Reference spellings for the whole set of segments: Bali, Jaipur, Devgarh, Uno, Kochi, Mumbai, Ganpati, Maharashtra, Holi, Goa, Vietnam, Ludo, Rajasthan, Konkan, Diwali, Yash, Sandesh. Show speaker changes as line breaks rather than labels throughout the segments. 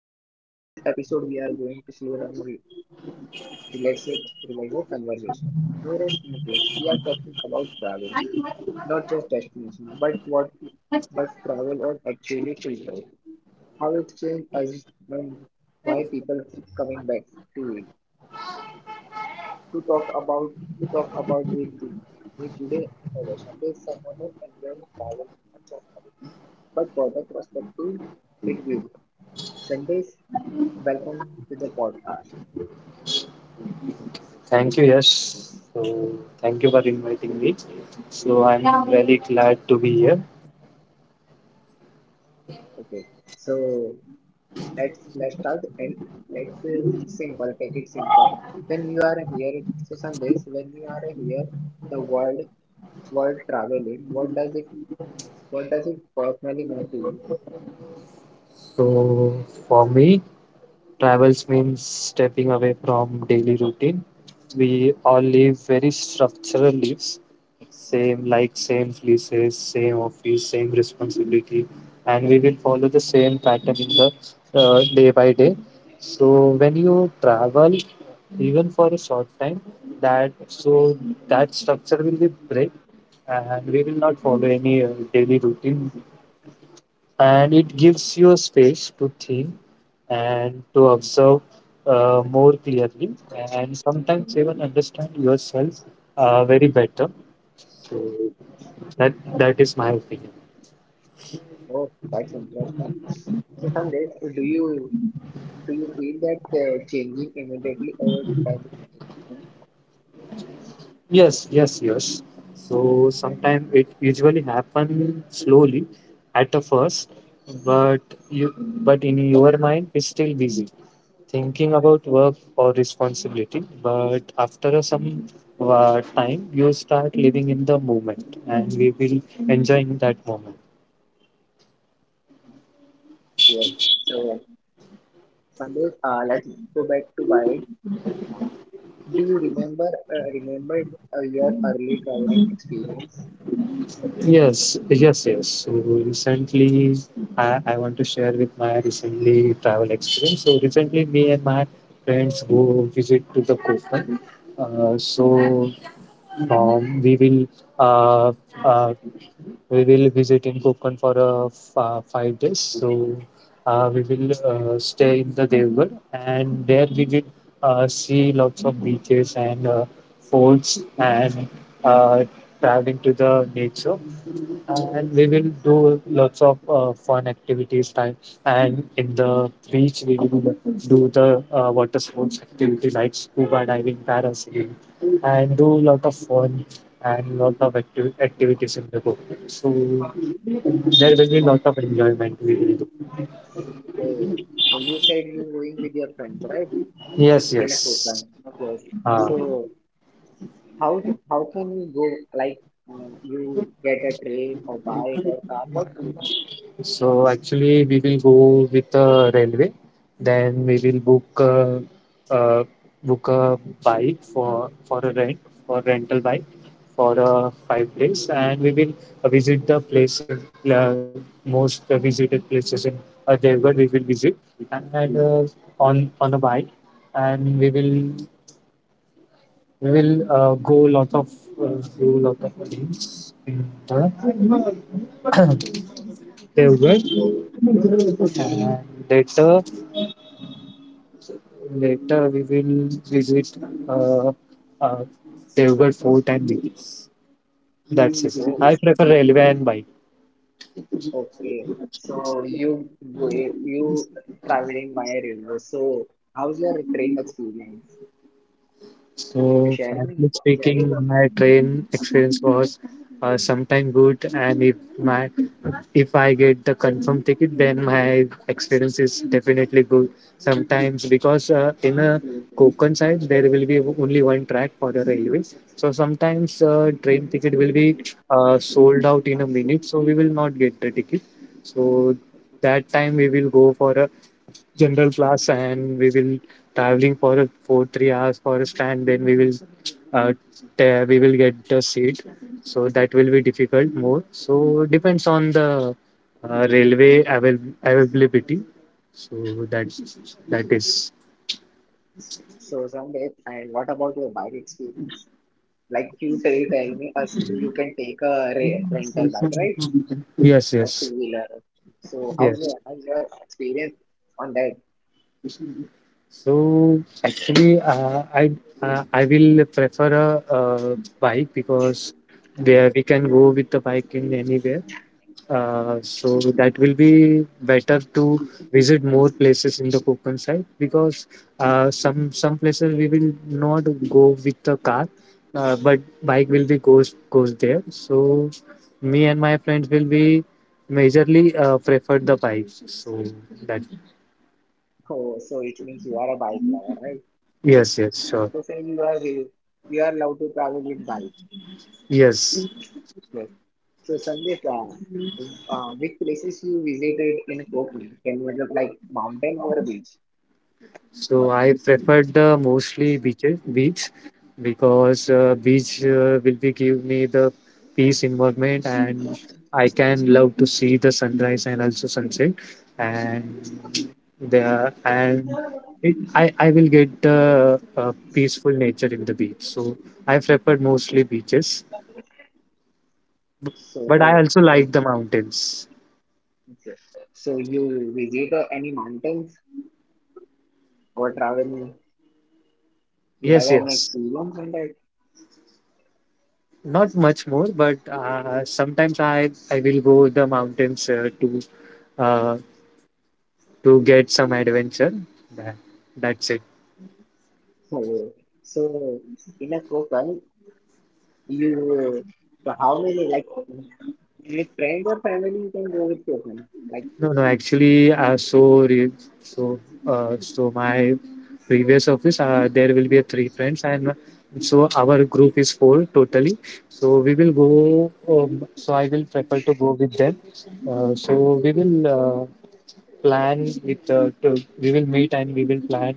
episode we are going to slow down and relax it, revival conversation. No rest, no place. We are talking about travel, not just destination, but what but travel or actually travel. How it changed us and why people keep coming back to it. To talk about to talk about with me, me today and our Sunday is someone who enjoys travel in much of country, but for the perspective it gives. Sundays, welcome to the podcast.
Thank you, Yash. Thank you for inviting me. I'm really glad to be here.
Okay, so let's start and let's simple, take it simple. When you are here, so Sundays, when you are here, the world traveling. What does it personally mean to you?
So, for me, travels means stepping away from daily routine. We all live very structural lives, same like same places, same office, same responsibility, and we will follow the same pattern in the day by day. So, when you travel, even for a short time, that so that structure will be break and we will not follow any daily routine. And it gives you a space to think and to observe more clearly, and sometimes even understand yourself very better. So that that is my opinion.
Oh, that's interesting. So Sandeep, do you feel that changing immediately or does it take time?
Yes, yes, yes. So sometimes it usually happens slowly at the first, but you but in your mind it's still busy, thinking about work or responsibility, but after a some time, you start living in the moment and we will enjoying that moment.
Yes. So Sandesh, let's go back to Bali. Do you remember your early traveling experience?
Yes, yes, yes. So recently, I want to share with my recently travel experience. So recently, me and my friends go visit to the Koken. Uh, so um, we will uh, uh, we will visit in Konkan for 5 days. So we will stay in the Devgarh, and there we will see lots of beaches and forts and uh, traveling to the nature and we will do lots of fun activities time and in the beach we will do the water sports activity like scuba diving parasailing and do lot of fun and lot of activities in the boat, so there will be lot of enjoyment we will do.
Oh, so you said you're going with your friends, right?
Yes,
In a
yes.
program. Yes.
uh,
So how how can you go? Like you get a train or bike or car? What do you?
So actually, we will go with the railway. Then we will book uh, book a bike for a rent, for rental bike for 5 days, and we will visit the place in, uh, most visited places in Devgarh. We will visit and on a bike, and we will go lot of do lot of things in the Devgarh.
So
And later Later, we will visit uh, uh, Devgarh Fort and beaches. That's it.
oh,
I prefer railway and bike.
okay, so you traveling via river. So how's your train experience? Can you
So,
share me?
frankly
Can you share it?
speaking, my train experience was sometime good, and if I get the confirmed ticket, then my experience is definitely good. Sometimes, because in a Konkan side there will be only one track for the railway, so sometimes train ticket will be sold out in a minute, so we will not get the ticket. So that time we will go for a general class and we will traveling for 3 hours for a stand, then we will uh, we will get the seat, so that will be difficult more, so depends on the railway availability. so that that is.
So someday, and what about your bike experience? Like you tell, tell me, us you can take a re rental bike, right?
Yes,
Like two
yes,
wheeler. So
yes.
how's your experience on that?
So actually I will prefer a uh, bike because where we can go with the bike in anywhere. So that will be better to visit more places in the Konkan side because some places we will not go with the car, but bike will be goes there. So me and my friends will be majorly prefer the bike. So that.
Oh, so it means you are a bike lover, right? Like,
Yes, yes, sure.
they say you are allowed to travel with bike.
Yes.
Yes. So Sandeep, which places you visited in Kochi? Can you मतलब like mountain or a beach?
So I preferred the mostly beach, because beach will be give me the peace environment and I can love to see the sunrise and also sunset, and and it, I will get the a peaceful nature in the beach. So I preferred mostly beaches,
So
but I
oh,
also
so,
like the mountains.
so you visited any mountains or travel? You have
Yes,
any
yes.
experience on that?
Not much more, but sometimes I will go the mountains to. Uh, to get some adventure. That, that's it.
So so in a Kochi, you so how many like with friends or family you can go with Kochi? Like
No, no, actually, so so my previous office, there will be a 3 friends, and so our group is four totally. So we will go. So I will prefer to go with them. So we will plan with. We will meet and we will plan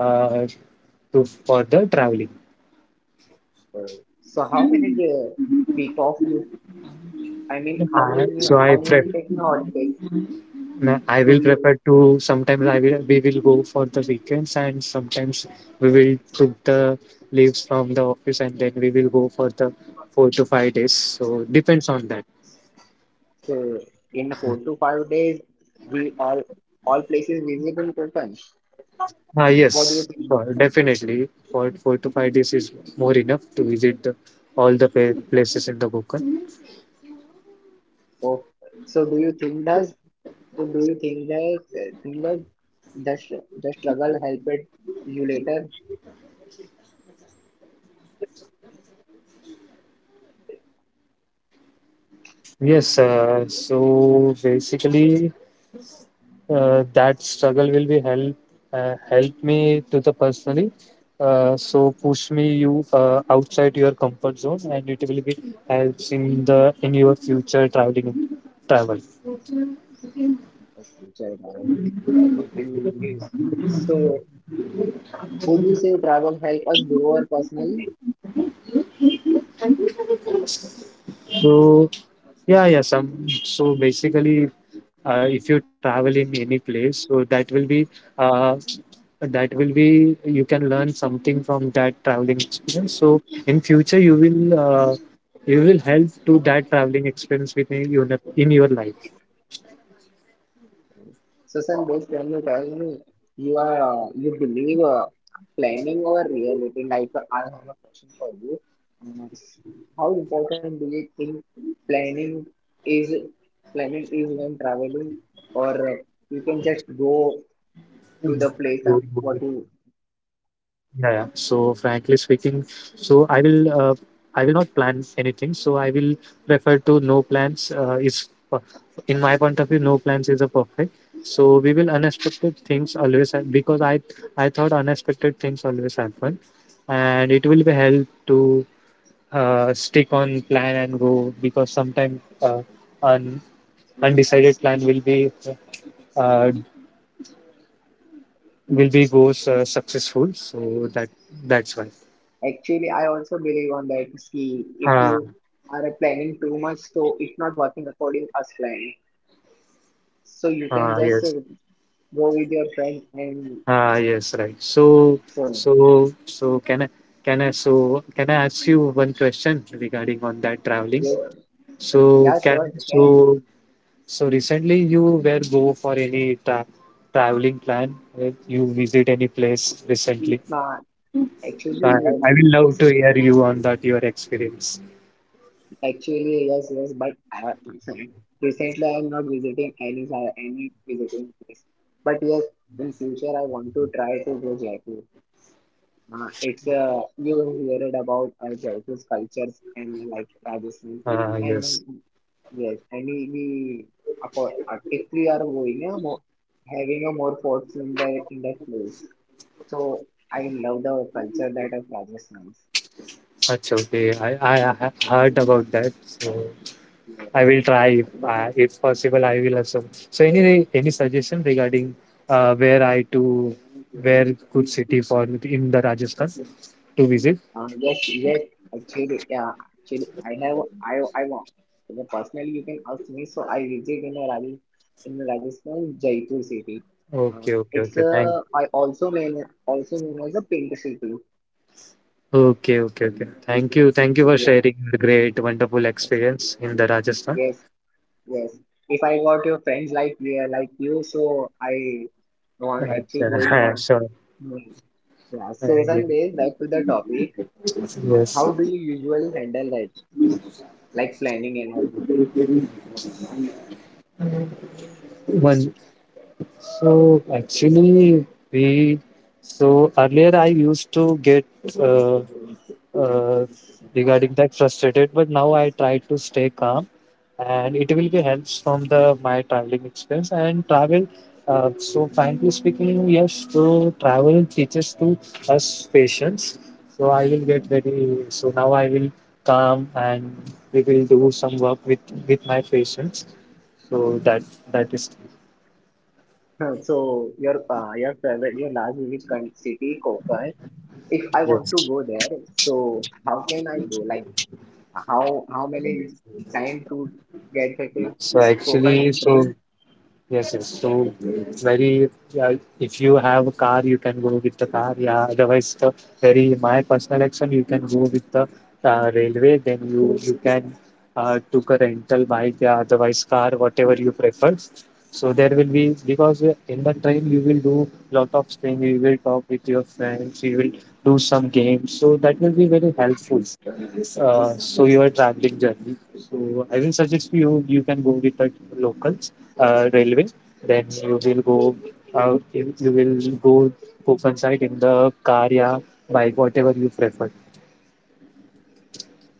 uh, to for the traveling.
uh, so how many week off you? I mean
So I
how
prefer.
many taking holidays?
I
do
will
you
prepare to sometimes I will we will go for the weekends, and sometimes we will took the leaves from the office and then we will go for the 4 to 5 days. So depends on that.
So in 4 to 5 days, we all places visible total.
Ah
What do you
yes,
think?
sure, definitely. For 4 to 5 days is more enough to visit the, all the places in the Konkan.
Oh, so do you think does so do you think that the struggle helped you later?
Yes, so basically that struggle will be help help me to the personally, so push me you outside your comfort zone and it will be helps in the in your future traveling travel.
Future, and yes. So would you say travel help us grow our personal?
So yeah, yeah. Some, so basically, if you travel in any place, so that will be uh, you can learn something from that traveling experience. So in future, you will help to that traveling experience with in your life.
Susan, this when you tell me you are you believe planning or reality, like I have a question for you. Um, how important do you think planning is planning is when traveling, or you can just go to
Mm.
the place
So,
and what you
yeah, yeah. So frankly speaking, so I will not plan anything. So I will prefer to no plans in my point of view, no plans is a perfect. So we will unexpected things always because I thought unexpected things always happen, and it will be help to stick on plan and go, because sometimes un, undecided plan will be uh, goes successful, so that that's why.
actually I also believe on that. See, if
Ah.
you are planning too much, so it's not working according as planned. So you can
Ah,
just
yes.
go with your friend and
Ah, yes, right.
so.
So so can i can I ask you one question regarding on that traveling?
Yes.
So
Yeah,
can
sure, you
so
can.
so Recently, you were go for any traveling plan? Uh, you visit any place recently?
Uh,
So I,
actually, yes,
I will
it
love
is
to hear you on that your experience.
actually yes, yes. But recently, I am not visiting any any visiting place. But yes, in future, I want to try to go Jaipur. It's you will hear it about Jaipur's cultures and like Rajasthan
Ah, yes.
and yes, and if we are going more, having a more forts in that place. So I love the culture that of Rajasthan.
Achha, okay. I heard about that. So I
Yes.
will try if possible. I will also. So any suggestion regarding where I to where good city for in the Rajasthan to visit?
Yes, yes. Actually, yeah. Actually, I have. I want. You know, personally, you can ask me. So I visit in Rajasthan, Jaipur city.
Okay, okay,
It's
okay.
a.
Thank.
I also mean also known as a pink city.
Okay, okay, okay. Thank you for
Yeah.
sharing the great, wonderful
Yes.
experience in the Rajasthan.
Yes. Yes. If I got your friends like yeah, like you, so I want actually
Achha,
going on.
sure.
Hmm. Yeah. So
Yeah.
Sandesh, back to the topic.
Yes.
How do you usually handle that, like planning and all?
One. So actually, we so earlier I used to get uh, uh, regarding that frustrated, but now I try to stay calm, and it will be helps from the my traveling experience and travel. So frankly speaking, yes, so travel teaches to us patience, so I will
Yeah.
get very, so now I will calm and we will do some work with my patients, so that that is.
Huh, so your favorite your last visit city Kokai. If I want to
Yes.
go there, so how can I go? Like how many time to get to
So
Kokai
actually,
in
so
train?
yes, yes. So it's very, yeah, if you have a car, you can go with the car. Yeah, otherwise, the very my personal action, you can go with the railway. Then you can took a rental bike, yeah, otherwise car, whatever you prefer. So there will be because in the train you will do lot of thing. You will talk with your friends. You will do some games. So that will be very helpful, so your traveling journey. So I will suggest you can go with the locals railway. Then you will go you will go Kokan side in the car, yeah, bike, whatever you prefer.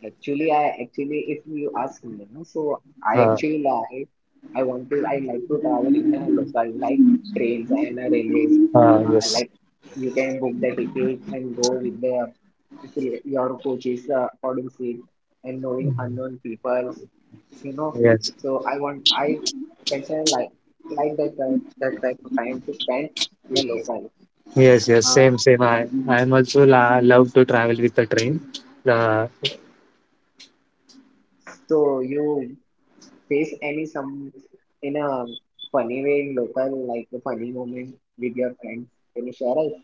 Actually, I actually if you ask me, no, so I
Uh,
actually like I like to travel in a local like trains and a railways.
yes,
Like you can book the ticket and go with the your coaches according seat and knowing unknown people you know.
yes,
So I better like that type of time to spend in a local.
yes, yes.
Uh,
Same, same. I am also love to travel with the train. Uh.
so you face any some in a funny way in local like a funny moment with your friends. Can you share it?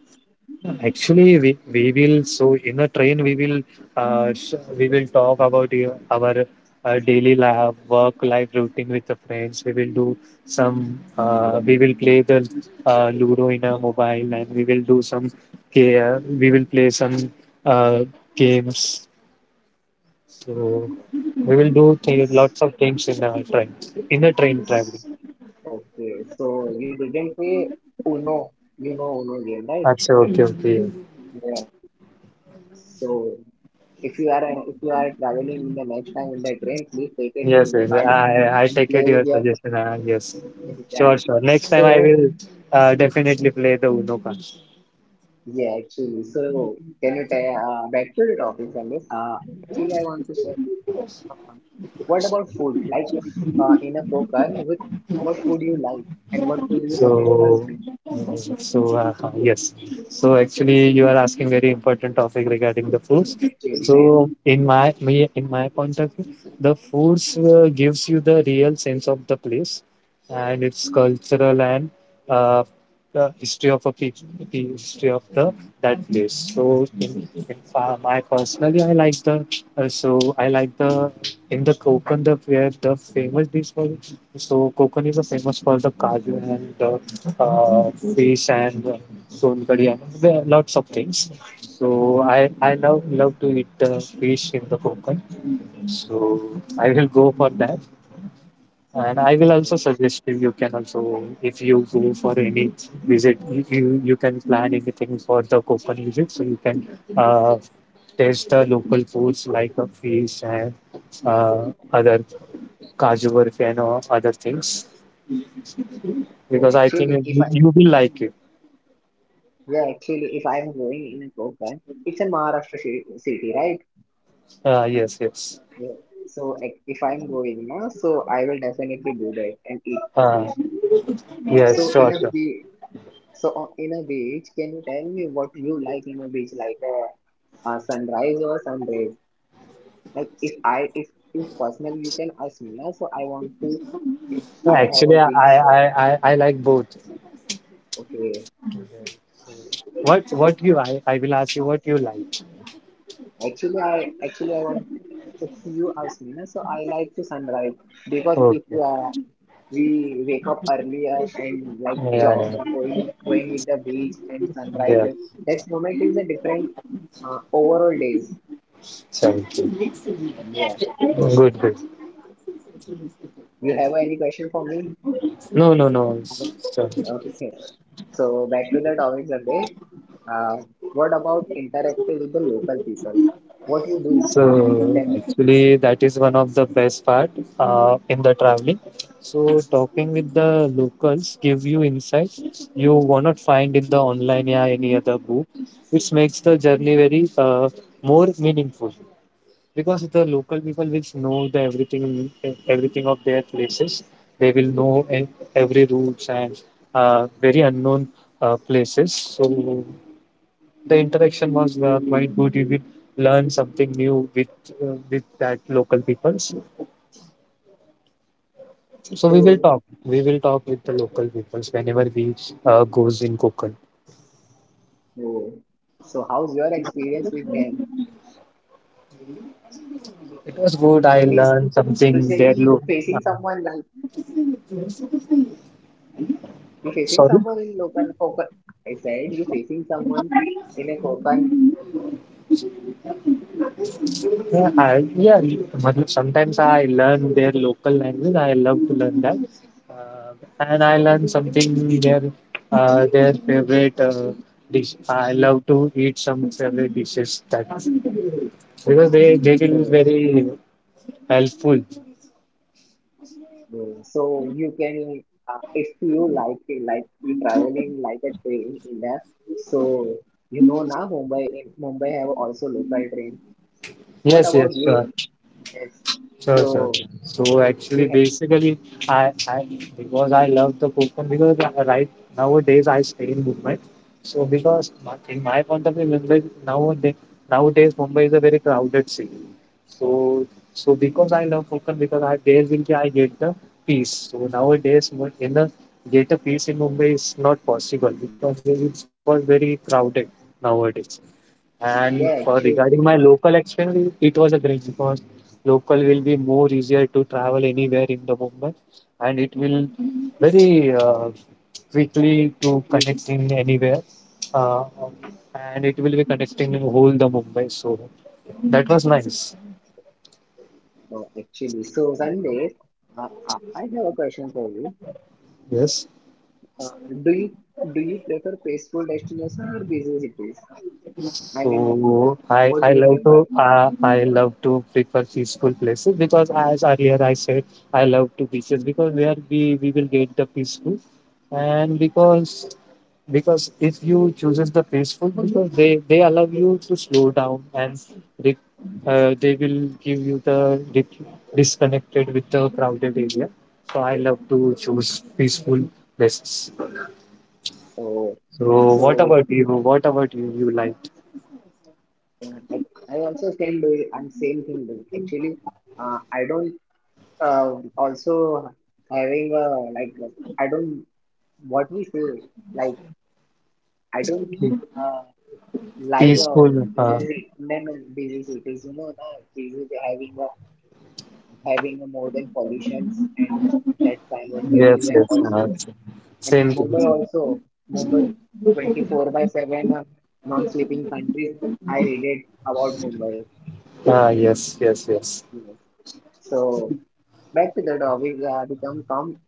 Actually, we will so in a train we will we will talk about our daily life, work life routine with the friends. We will do some we will play the Ludo in our mobile and we will do some we will play some uh, games. So we will do lots of things in a train traveling.
Okay, so you didn't play Uno, you know Uno game, right?
Achha, okay, okay.
Yeah. So if you are traveling in the next time in the train, please take a
Yes,
Uno
yes.
card
I
and
take
play
it your
with your
suggestion and yes.
Yeah.
Sure, sure. Next time I
So,
will definitely play the Uno card.
yeah, actually, so can you tell back to the topic on this? Actually, I want to share um, what about food? Like in a poker, with what food you like and what food you suggest us
So,
me?
mm, so yes. So actually, you are asking very important topic regarding the
So,
foods.
actually, that
So in my point of view, the foods gives you the real sense of the place, and its cultural and uh, the history of a pe- the history of the that place. So in, my personally, I like the uh, so I like the in the Kokand the where the famous dish was. So Kokon is famous for the kaju and the fish and son kadhi, and there are lots of things. So I love to eat fish in the Kokon. So I will go for that, and I will also
uh,
suggest you. You can also if you go for any visit, you can plan anything for the Kokon visit. So you can uh, taste the local foods like a fish and other kaju barfi and other things, because I think
actually, if
you
I
you will like it.
yeah, actually, if I'm going in a poker, it's a Maharashtra city, right?
Yes, yes.
Yeah. So like, if I'm going now, so I will definitely do that and eat the
Uh,
fish.
yes,
So
sure,
enough.
sure.
Be so in a beach, can you tell me what you like in a beach, like a, sunrise or sunrise? Like if I if personally you can ask me now, so I want to if
No,
I have
actually,
a
I,
beach,
I, I, I like both.
okay.
What you, I will ask you what you like.
Actually I want to if you ask me now, so I like to sunrise because if
Okay.
we wake up earlier and like
Yeah,
jo
yeah,
going with the beach and sunrise,
yeah.
that moment is a different overall days.
Thank you.
Yeah.
Good, good.
You have any question for me?
No, no, no. Okay.
Okay. So back to the topic, Sandesh. Uh, what about interacting with the local people? What you do
So
with
actually, that is one of the best part in the traveling. So talking with the locals give you insights you won't find in the online or any other book, which makes the
them?
journey very more meaningful, because the local people will know the everything of their places. They will know every routes and very unknown places. So the interaction was the point good. You will learn something new with that local peoples. So we will
So,
talk. We will talk with the local peoples whenever we goes in Kokand.
oh, so how's your experience with them?
It was good. I
I mean to
learned
say you
something there.
facing someone
Uh,
like you facing
Sorry.
someone in local Kokan. I said you facing someone in a Kokan.
Yeah, I, yeah. मतलब sometimes I learn their local language. I love to learn that, uh, and I learn something their their favorite dish. I love to eat some favorite dishes, that because they will be very helpful.
Mm, so you can, if you like you traveling like a train in there. So you know now Mumbai in Mumbai have also local train.
Yes,
What
yes,
about
sure.
you? Yes.
Sure, sure.
So
So actually,
you ha
basically, I because I love the Coconut because right nowadays I stay in Mumbai. So because my, in my point of view, Mumbai nowadays Mumbai is a very crowded city. So so because I love Konkan, because I there will be I get the peace. So nowadays when- in the get a peace in Mumbai is not possible because it's all very crowded nowadays. And for
yeah
regarding
actually
my local experience, it was a great because local will be more easier to travel anywhere in the Mumbai, and it will very quickly to connecting anywhere, uh, and it will be connecting whole the Mumbai. So that was nice.
no actually so Sandesh, uh, I have a question for you.
Yes.
Uh, do you prefer peaceful destination or busy cities? I mean,
So I
what do
I
you
love
prefer?
to I love to prefer peaceful places, because as earlier I said I love to beaches because where we will get the peaceful, and because if you chooses the peaceful because they allow you to slow down and they, they will give you the disconnected with the crowded area, so I love to choose peaceful places.
Oh,
So what
so
about you, what about you liked
yeah, I also same do and same thing do actually. I don't also having a like I don't what we say like I don't uh, like a
peaceful
busy city, then busy cities. You know, the busy having a, having a more than pollutions and that kind of
yes
cities and
yes
also and
same thing.
Mumbai also Mumbai 24/7 non-sleeping countries. I relate about Mumbai.
Ah, yes, yes, yes.
Yes. So back to the topic, become calm.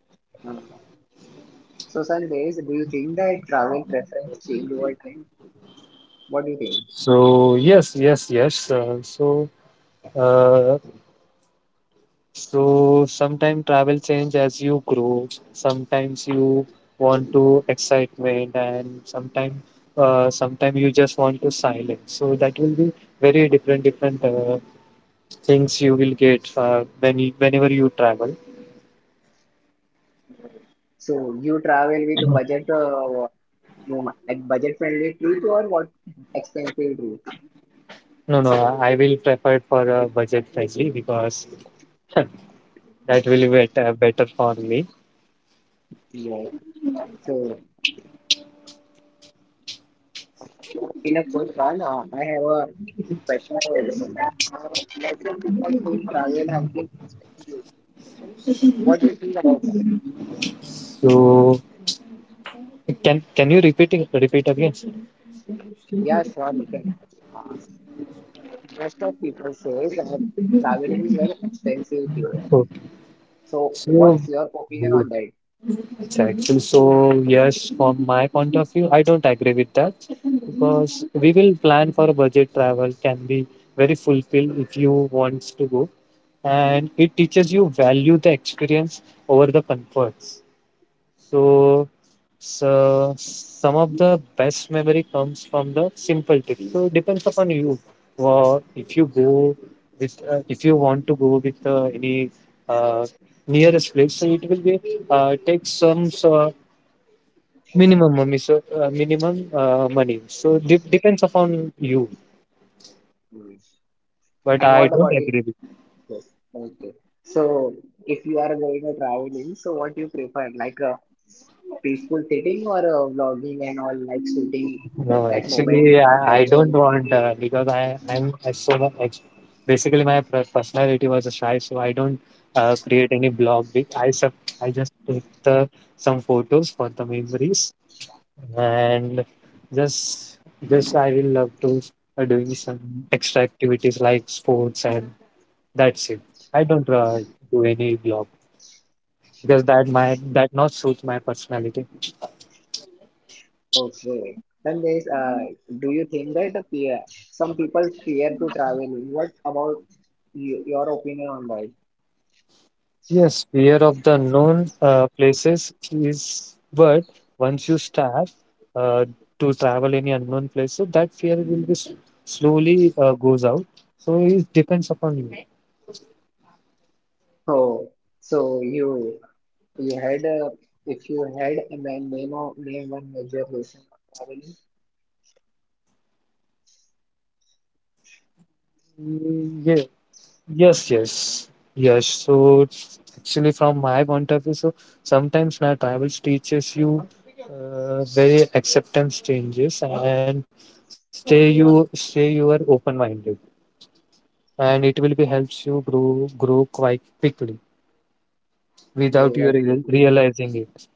Uh, so Sandesh, do you think that travel preference change over time? What do you think?
So yes, yes, yes. Uh, So sometimes travel change as you grow. Sometimes you want to excitement, and sometimes sometimes you just want to silence. So that will be very different things you will get when you, whenever you travel.
So you travel with
Mhm.
budget, no, like budget friendly trip or what expensive trip?
No, no, I will prefer it for a budget friendly, because that will be better, better for me.
Yeah. So in a first one, I have a question for you. Sandesh. Let's say people think travel has been expensive. What do you think about that?
So can you repeat again?
Yeah, sure, you can. Rest of people says that traveling is very expensive here.
Okay.
So
So
what's your opinion on that?
it's actually so yes, from my point of view, I don't agree with that, because we will plan for a budget travel can be very fulfilled if you want to go, and it teaches you value the experience over the comforts. So, so some of the best memory comes from the simple tips. So depends upon you. Well, if you go with, if you want to go with any uh, nearest place, so it will be take some so minimum money, so minimum money. So depends upon you,
Mm.
but
And
I
what
don't
about it?
agree with you.
Yes. Okay. So if you are going to traveling, so what do you prefer? Like a peaceful sitting or a vlogging and all like shooting
No,
that moment
actually,
and
I don't
capturing?
want because I I'm as so much, basically my personality was a shy, so I don't create any blog. I just take the some photos for the memories, and just just I will love to doing some extra activities like sports, and that's it. I don't do any blog, because that might that not suits my personality.
Okay. Then there's do you think that the fear, some people fear to traveling? What about you, your opinion on that?
Yes, fear of the known places is, but once you start uh, to travel any unknown places, that fear will be slowly goes out. So it depends upon you.
Oh, so you. You had a, if you had a man name or name one major reason for traveling,
Mm, yeah. Yes, yes, yes. So it's actually, from my point of view, so sometimes now travels teaches you very acceptance changes, and stay you are open minded, and it will be helps you grow quite quickly
go
without you
like you do.
realizing it.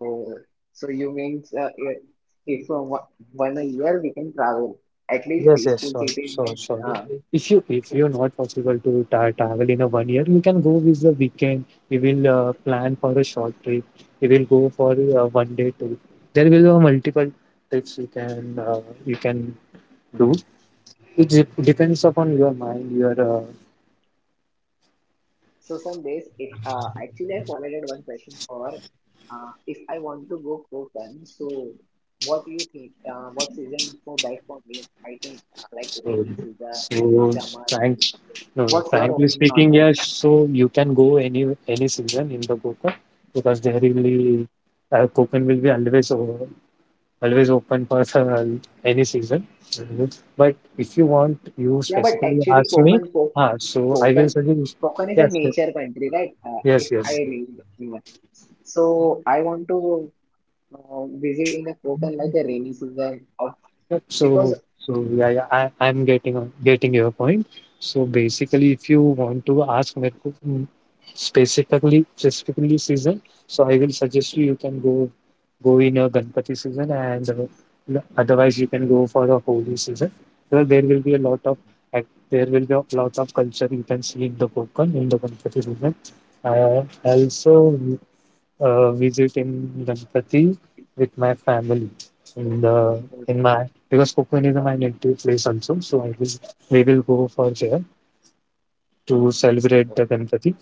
Oh, so you means if one one a year we can travel at least
Yes yes
peaceful
sure,
cities
sure
and
sure.
uh,
If you if you're not possible to travel in a 1 year, you can go with the weekend, you will plan for a short trip, you will go for a 1 day trip. There will be multiple trips you can do. It depends upon your mind, your
so some days if actually I forwarded one question for if I want to go Kokan, so what do you think? What season for that for me? I think like
so
rainy season,
so
summer.
trying. No, no,
What's your
frankly
opinion on
speaking,
that?
yes. So you can go any season in the Goa, because they really Koken will be always always open for the, any season. Mhm. But if you want, you
Yeah, but
specifically
actually,
ask me. Ah, so I will
Konkan,
suggest.
Konkan is a
Yes, yes,
nature country, right?
yes,
If I
yes.
really remember. So I want to visit in a Konkan like a rainy season of
Yep,
because
so, so yeah, yeah, I'm getting getting your point. So
uh,
basically, if you want to ask me specifically season, so I will suggest you, you can go in a Ganpati season, and otherwise you can go for a Holi season. So there will be a lot of ac- there will be a lot of culture you can see in the Konkan in the Ganpati season. Uh, Also, visit in Ganpati with my family in the in my, because Kokon is my native place also. So I will we will go for there to celebrate the Ganpati.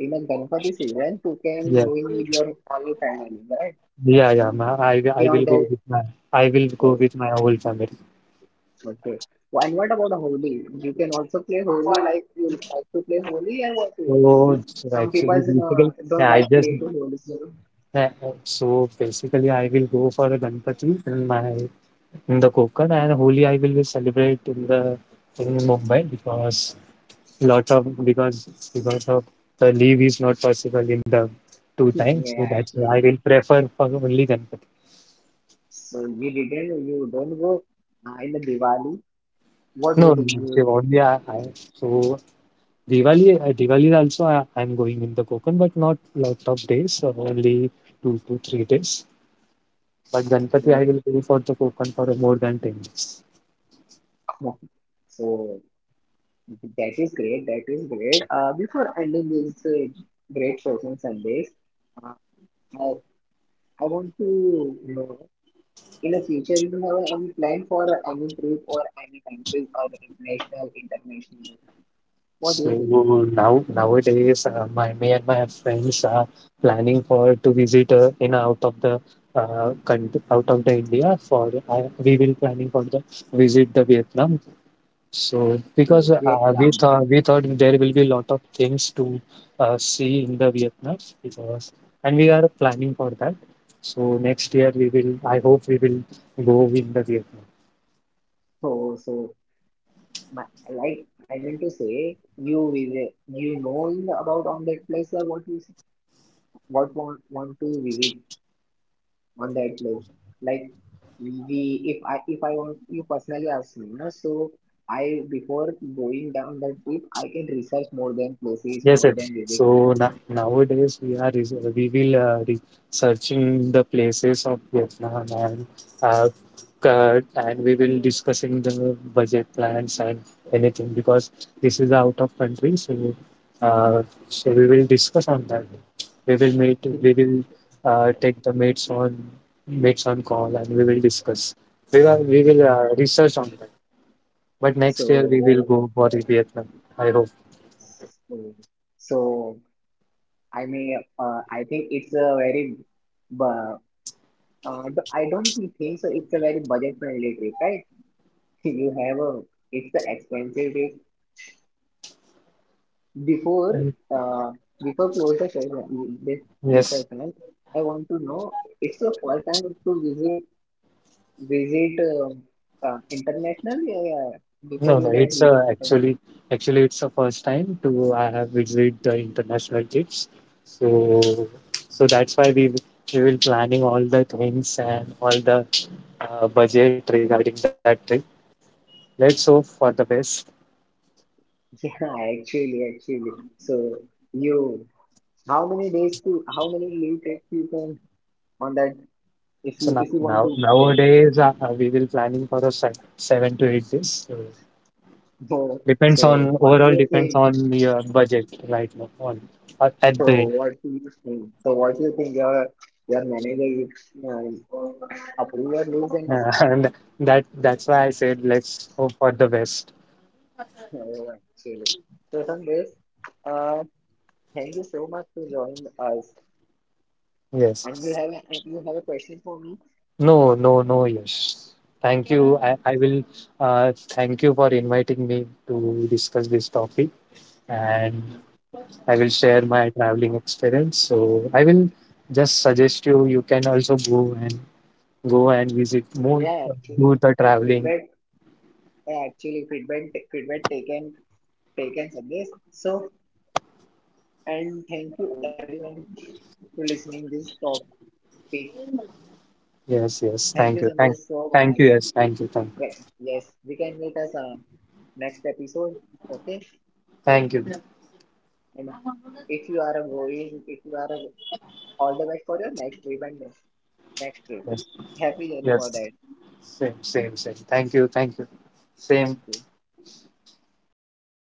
in a Ganpati season you can
Yeah,
go in with your whole family, right?
yeah, yeah. My, I
Yeah,
will go
that
with my I will go
yes,
with my whole family.
okay. And what about Holi? You can also play Holi like you like to play Holi and what? You- if
So, so
Some people
actually,
you know,
basically,
don't
yeah, I
like
just
play to Holi. So,
yeah, so basically I will go for a Ganpati in my in the Konkan, and Holi I will celebrate in the in Mumbai, because lot of because of the leave is not possible in the two times, so
yeah,
that's why I
actually.
will prefer for only Ganpati.
So you don't go in the Diwali. What do
No
you
no,
think
so only I so diwali also I'm going in the Konkan, but not lot of days, so only 2 to 3 days, but Ganpati I
you
will go for the Konkan for more than 10 days.
know? So that is great. That is great. Before ending this great session Sundays, uh, I I want to know in the future you have any plan for any trip or any countries or national, international. What do
So
you think?
nowadays, my me and my friends are planning for to visit in out of the country, out of the India for we will planning for the visit the Vietnam. So because
Vietnam.
we thought there will be a lot of things to see in the Vietnam, because and we are planning for that. So next year we will I hope we will go in the Vietnam.
So so my, like I meant to say you visit you know about on that place or what you what want to visit on that place like we if I want you personally ask me no so I before going down that trip I can research more than places
Yes,
more than
yes. So
visit
na nowadays we are res we will re searching the places of Vietnam, and uh, and we will discussing the budget plans, and anything, because this is out of country. So uh, so we will discuss on that. We will meet. We will take the mates on call, and we will discuss. We will research on that. But next year we will
so
go for Vietnam. I hope.
so, so I think it's a very but uh, I don't think so it's a very budget friendly trip right you have a it's an expensive trip Before
And
uh, before close the session, this
yes.
session, right, I want to know it's your first time to visit international. Yeah, yeah.
No,
Before you
no,
that
it's
visit,
actually actually it's the first time to I have visited the international trips. So so that's why we will planning all the things, and all the budget regarding that trip. Let's hope for the best.
yeah, actually, actually. So you, how many days to how many leave days you can on that if
So
you want to go there.
nowadays we will planning for a 7 to 8 days. So
So,
depends
so
on
what do
overall
you
depends
think?
on your budget right now on at the
So
end.
what he is saying. So what do you think your manager is approve or leave them up,
And that that's why I said let's hope for the best.
actually. So Sandesh, uh, thank you so much for joining us. And you
Yes.
have a, and you have a question for me?
No, no, no, yes. Thank you.
Um,
I will thank you for inviting me to discuss this topic, and I will share my traveling experience. So I will just suggest you, you can also go and visit more,
Yeah, actually
do the traveling.
feedback actually feedback taken Sandesh. So and thank you everyone for listening this topic.
Yes, yes.
Thank you
Thank you.
Sandesh so much.
Thank you. Yes. Thank you. Thank
Well,
you.
yes, we can meet us on next episode. Okay.
Thank you.
And if you are a going, if you are a, all the best for your next trip and next trip.
Yes.
Happy journey for
Yes.
that.
Same, same, same. Thank you. Thank you. Same.
Thank you.